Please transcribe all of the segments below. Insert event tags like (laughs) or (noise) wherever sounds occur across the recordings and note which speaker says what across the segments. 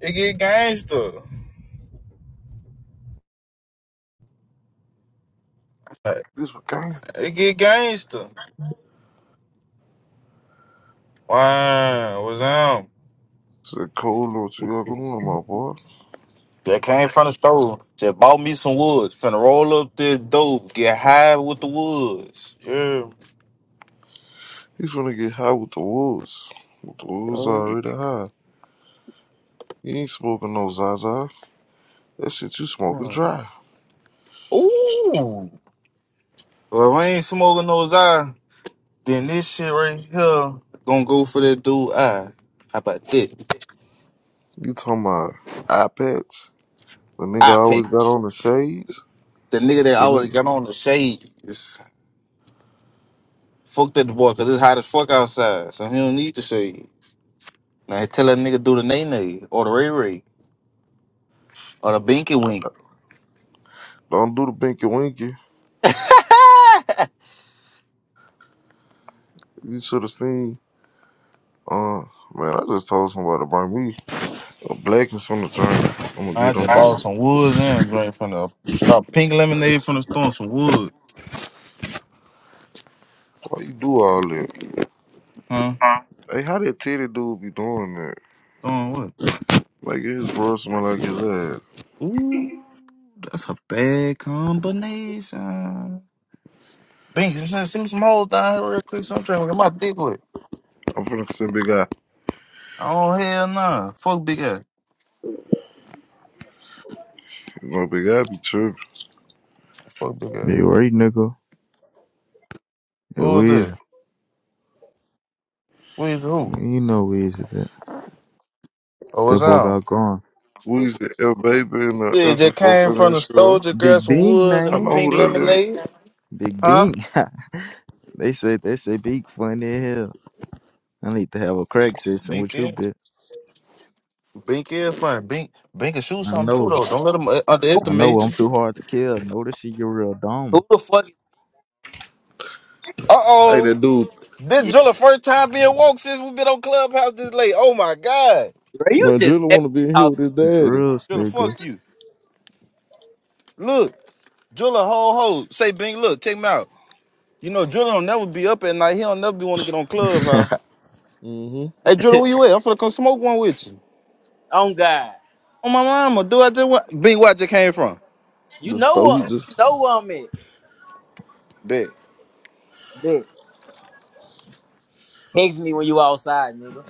Speaker 1: It get gangster.
Speaker 2: This what gangster
Speaker 1: It get gangster. Wow, what's up?
Speaker 2: said, Cole, know what you got going on, my boy.
Speaker 1: That came from the store. Just bought me some wood. Finna roll up this dope. Get high with the woods. Yeah.
Speaker 2: He's gonna get high with the wolves. With the wolves
Speaker 1: Ooh.
Speaker 2: already high. You ain't smoking no Zaza. That shit you smoking dry.
Speaker 1: Well, if I ain't smoking those eye, then this shit right here gonna go for that dude eye. How about that?
Speaker 2: You talking about iPads? The nigga
Speaker 1: I
Speaker 2: always
Speaker 1: bet.
Speaker 2: got on the shades.
Speaker 1: The nigga that
Speaker 2: The
Speaker 1: always
Speaker 2: nigga
Speaker 1: got on the shade is fucked at the boy because it's hot as fuck outside. So he don't need the shade. Now he tell that nigga do the nay nay or the ray ray. Or the binky wink.
Speaker 2: don't do the binky winky.
Speaker 1: (laughs) I
Speaker 2: You should have seen. Uh, man, I just told somebody to bring me a black and some drink. I'm gonna get on
Speaker 1: just bought
Speaker 2: this.
Speaker 1: some woods and drink from the stop pink lemonade from the store and some wood.
Speaker 2: Why you do all that?
Speaker 1: Huh?
Speaker 2: Hey, how that titty dude be doing that?
Speaker 1: Throwing wood.
Speaker 2: Like his bro smell like his ass.
Speaker 1: Ooh, that's a bad combination. Binky, send send me some holes down here real quick. So I'm trying to get my dick with.
Speaker 2: I'm finna send big guy.
Speaker 1: Oh hell nah. Fuck big ass.
Speaker 2: My big I be tripping.
Speaker 1: Fuck big ass.
Speaker 3: Big Ray, nigga. It
Speaker 1: Who is that?
Speaker 3: Weezy.
Speaker 1: Who is who?
Speaker 3: You know Weezy, but
Speaker 1: Oh,
Speaker 3: that
Speaker 1: it's
Speaker 3: boy
Speaker 1: on.
Speaker 3: got gone.
Speaker 2: Weezy, L Baby, and uh,
Speaker 1: Yeah, just
Speaker 2: FFO
Speaker 1: came from the
Speaker 2: finish
Speaker 1: store,
Speaker 2: sure.
Speaker 1: just grabbed
Speaker 3: Big
Speaker 1: some
Speaker 3: Bing,
Speaker 1: woods and
Speaker 2: I
Speaker 1: a
Speaker 3: man.
Speaker 2: know
Speaker 1: pink
Speaker 2: who that is.
Speaker 1: lemonade.
Speaker 3: Big
Speaker 1: Huh?
Speaker 3: Bing. (laughs) they say they say Big funny as hell. I need to have a crack session with you,
Speaker 1: Binky.
Speaker 3: bitch.
Speaker 1: Bink is funny. Bink, Bink can shoot
Speaker 3: I
Speaker 1: something too
Speaker 3: know.
Speaker 1: though. Don't let him uh,
Speaker 3: I know
Speaker 1: underestimate
Speaker 3: I'm
Speaker 1: you.
Speaker 3: too hard to kill. Know that shit you real dumb.
Speaker 4: Who the fuck is
Speaker 1: Uh
Speaker 2: Hey,
Speaker 1: oh,
Speaker 2: that dude.
Speaker 1: this
Speaker 4: you?
Speaker 1: Driller first time being woke since we been on Clubhouse this late. Oh my god,
Speaker 4: Bro, you
Speaker 2: My
Speaker 4: just
Speaker 2: Drilla
Speaker 4: happy
Speaker 2: want to be
Speaker 4: to
Speaker 2: in here with
Speaker 4: talk to
Speaker 2: his
Speaker 4: me.
Speaker 2: daddy.
Speaker 3: Drills,
Speaker 1: Driller,
Speaker 3: nigga.
Speaker 1: fuck you. Look, Driller, ho ho. Say Bink, look, check me out. You know Driller don't never be up at night. He don't never be want to get on Clubhouse.
Speaker 2: Mm-hmm.
Speaker 1: Hey Driller, where you at? I'm finna come smoke one with you.
Speaker 4: Oh God.
Speaker 1: On my mama, do I just what? Bink? Where I just came from?
Speaker 4: You
Speaker 2: The
Speaker 4: know
Speaker 2: store he
Speaker 4: what
Speaker 2: just
Speaker 4: you know what I'm at.
Speaker 1: Bet.
Speaker 4: Bitch. Text me when you outside, nigga.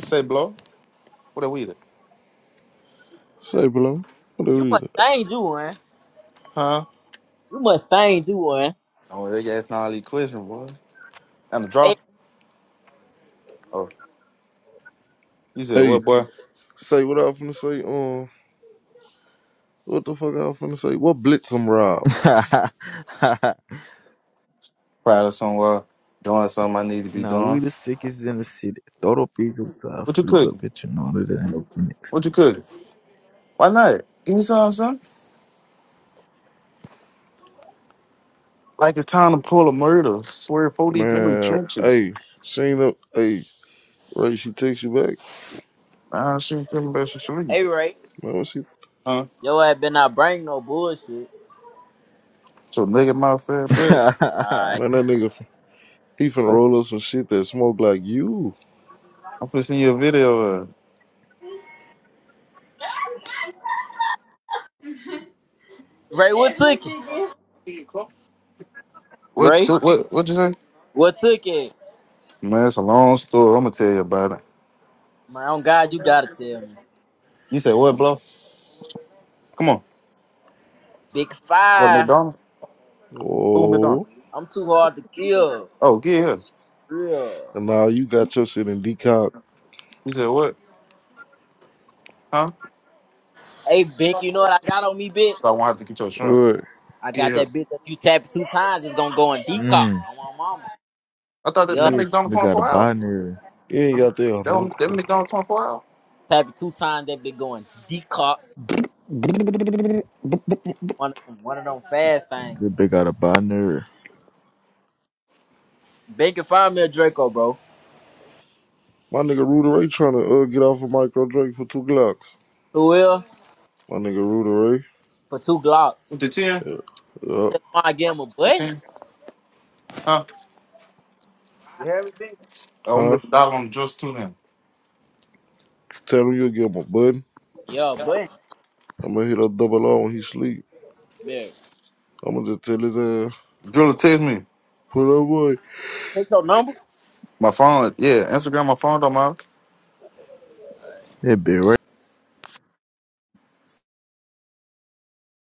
Speaker 1: Say blow. What are we? at?
Speaker 2: say below. What the
Speaker 4: You must
Speaker 2: read?
Speaker 4: think you one.
Speaker 1: Huh?
Speaker 4: You must think you one.
Speaker 1: Oh, they asking all these questions, boy. And the draw.
Speaker 4: Hey,
Speaker 1: Oh, you said
Speaker 2: Hey,
Speaker 1: what, boy?
Speaker 2: say what I was finna say. Um, what the fuck I was finna say? What blitz him rob?
Speaker 1: Probably somewhere doing something I need to
Speaker 3: (laughs)
Speaker 1: be
Speaker 3: now we
Speaker 1: doing.
Speaker 3: the sickest in the city. Throw the pizza to our
Speaker 1: What you
Speaker 3: freeze up,
Speaker 1: cooking?
Speaker 3: bitch. You know that ain't no Phoenix.
Speaker 1: What you cooking? Why not? Give me something, son. Like it's time to pull a murder. Swear 40 memory
Speaker 2: Man,
Speaker 1: trenches.
Speaker 2: hey, she ain't up. Hey, Ray, she takes you back.
Speaker 1: Nah, I shouldn't tell about your sleep.
Speaker 4: hey Ray.
Speaker 2: Man, what she?
Speaker 1: Huh?
Speaker 4: Yo I been not bring no bullshit.
Speaker 1: So nigga my fat butt.
Speaker 3: (laughs)
Speaker 4: Alright.
Speaker 2: Man, that nigga, he finna
Speaker 1: I'm
Speaker 2: roll up some shit that smoke like you.
Speaker 1: I'm finna send you a video of it.
Speaker 4: Ray, what took it?
Speaker 1: What
Speaker 4: Ray,
Speaker 1: what what you say?
Speaker 4: what took it?
Speaker 1: Man, it's a long story. I'm gonna tell you about it.
Speaker 4: Man, oh God, you gotta tell me.
Speaker 1: You said what, bro? Come on.
Speaker 4: Big
Speaker 1: Go to
Speaker 4: five.
Speaker 1: McDonald's? Who McDonald's?
Speaker 2: Oh,
Speaker 4: I'm too hard to kill.
Speaker 1: Oh, get
Speaker 4: This
Speaker 1: here.
Speaker 4: shit real.
Speaker 2: and now you got your shit in decock.
Speaker 1: You said what? Huh?
Speaker 4: Hey Bink, you know what I got on me, bitch?
Speaker 1: So I won't have to get your
Speaker 2: All
Speaker 1: shrimp.
Speaker 2: right.
Speaker 4: I
Speaker 1: Get
Speaker 4: got
Speaker 1: here.
Speaker 4: that bitch that you tap it two times, it's gonna go in decock.
Speaker 3: mm.
Speaker 4: On my mama.
Speaker 1: I thought that,
Speaker 4: Yeah.
Speaker 1: that
Speaker 2: You ain't,
Speaker 1: McDonald's
Speaker 3: We got a
Speaker 1: 24 hours.
Speaker 3: binary.
Speaker 2: you ain't got
Speaker 1: That one, that
Speaker 2: that.
Speaker 1: McDonald's 24 hour?
Speaker 4: Tap it two times, that bitch going decock. It's One of them, one of them fast
Speaker 3: That
Speaker 4: things.
Speaker 3: bitch got a binary.
Speaker 4: Bacon find me a Draco, bro.
Speaker 2: My nigga Rudy Ray trying to uh, get off of Micro Drake for two Glocks.
Speaker 4: Who will?
Speaker 2: My nigga Rudy Ray.
Speaker 4: For two Glocks.
Speaker 1: The 10?
Speaker 2: Yeah. yeah.
Speaker 4: Tell him I give him a
Speaker 1: The
Speaker 4: button.
Speaker 1: 10? Huh?
Speaker 4: You hear me, Bink?
Speaker 1: Oh, I'm
Speaker 2: Huh?
Speaker 1: going to dollar on the drills too then.
Speaker 2: Tell him you'll give him a button.
Speaker 4: Yeah, a
Speaker 2: I'm going to hit a double R when he sleep.
Speaker 4: Yeah.
Speaker 2: I'm going to just tell his ass,
Speaker 1: Driller text me.
Speaker 2: put up
Speaker 4: Take your number.
Speaker 1: My phone, yeah, Instagram, my phone don't matter.
Speaker 3: It be right.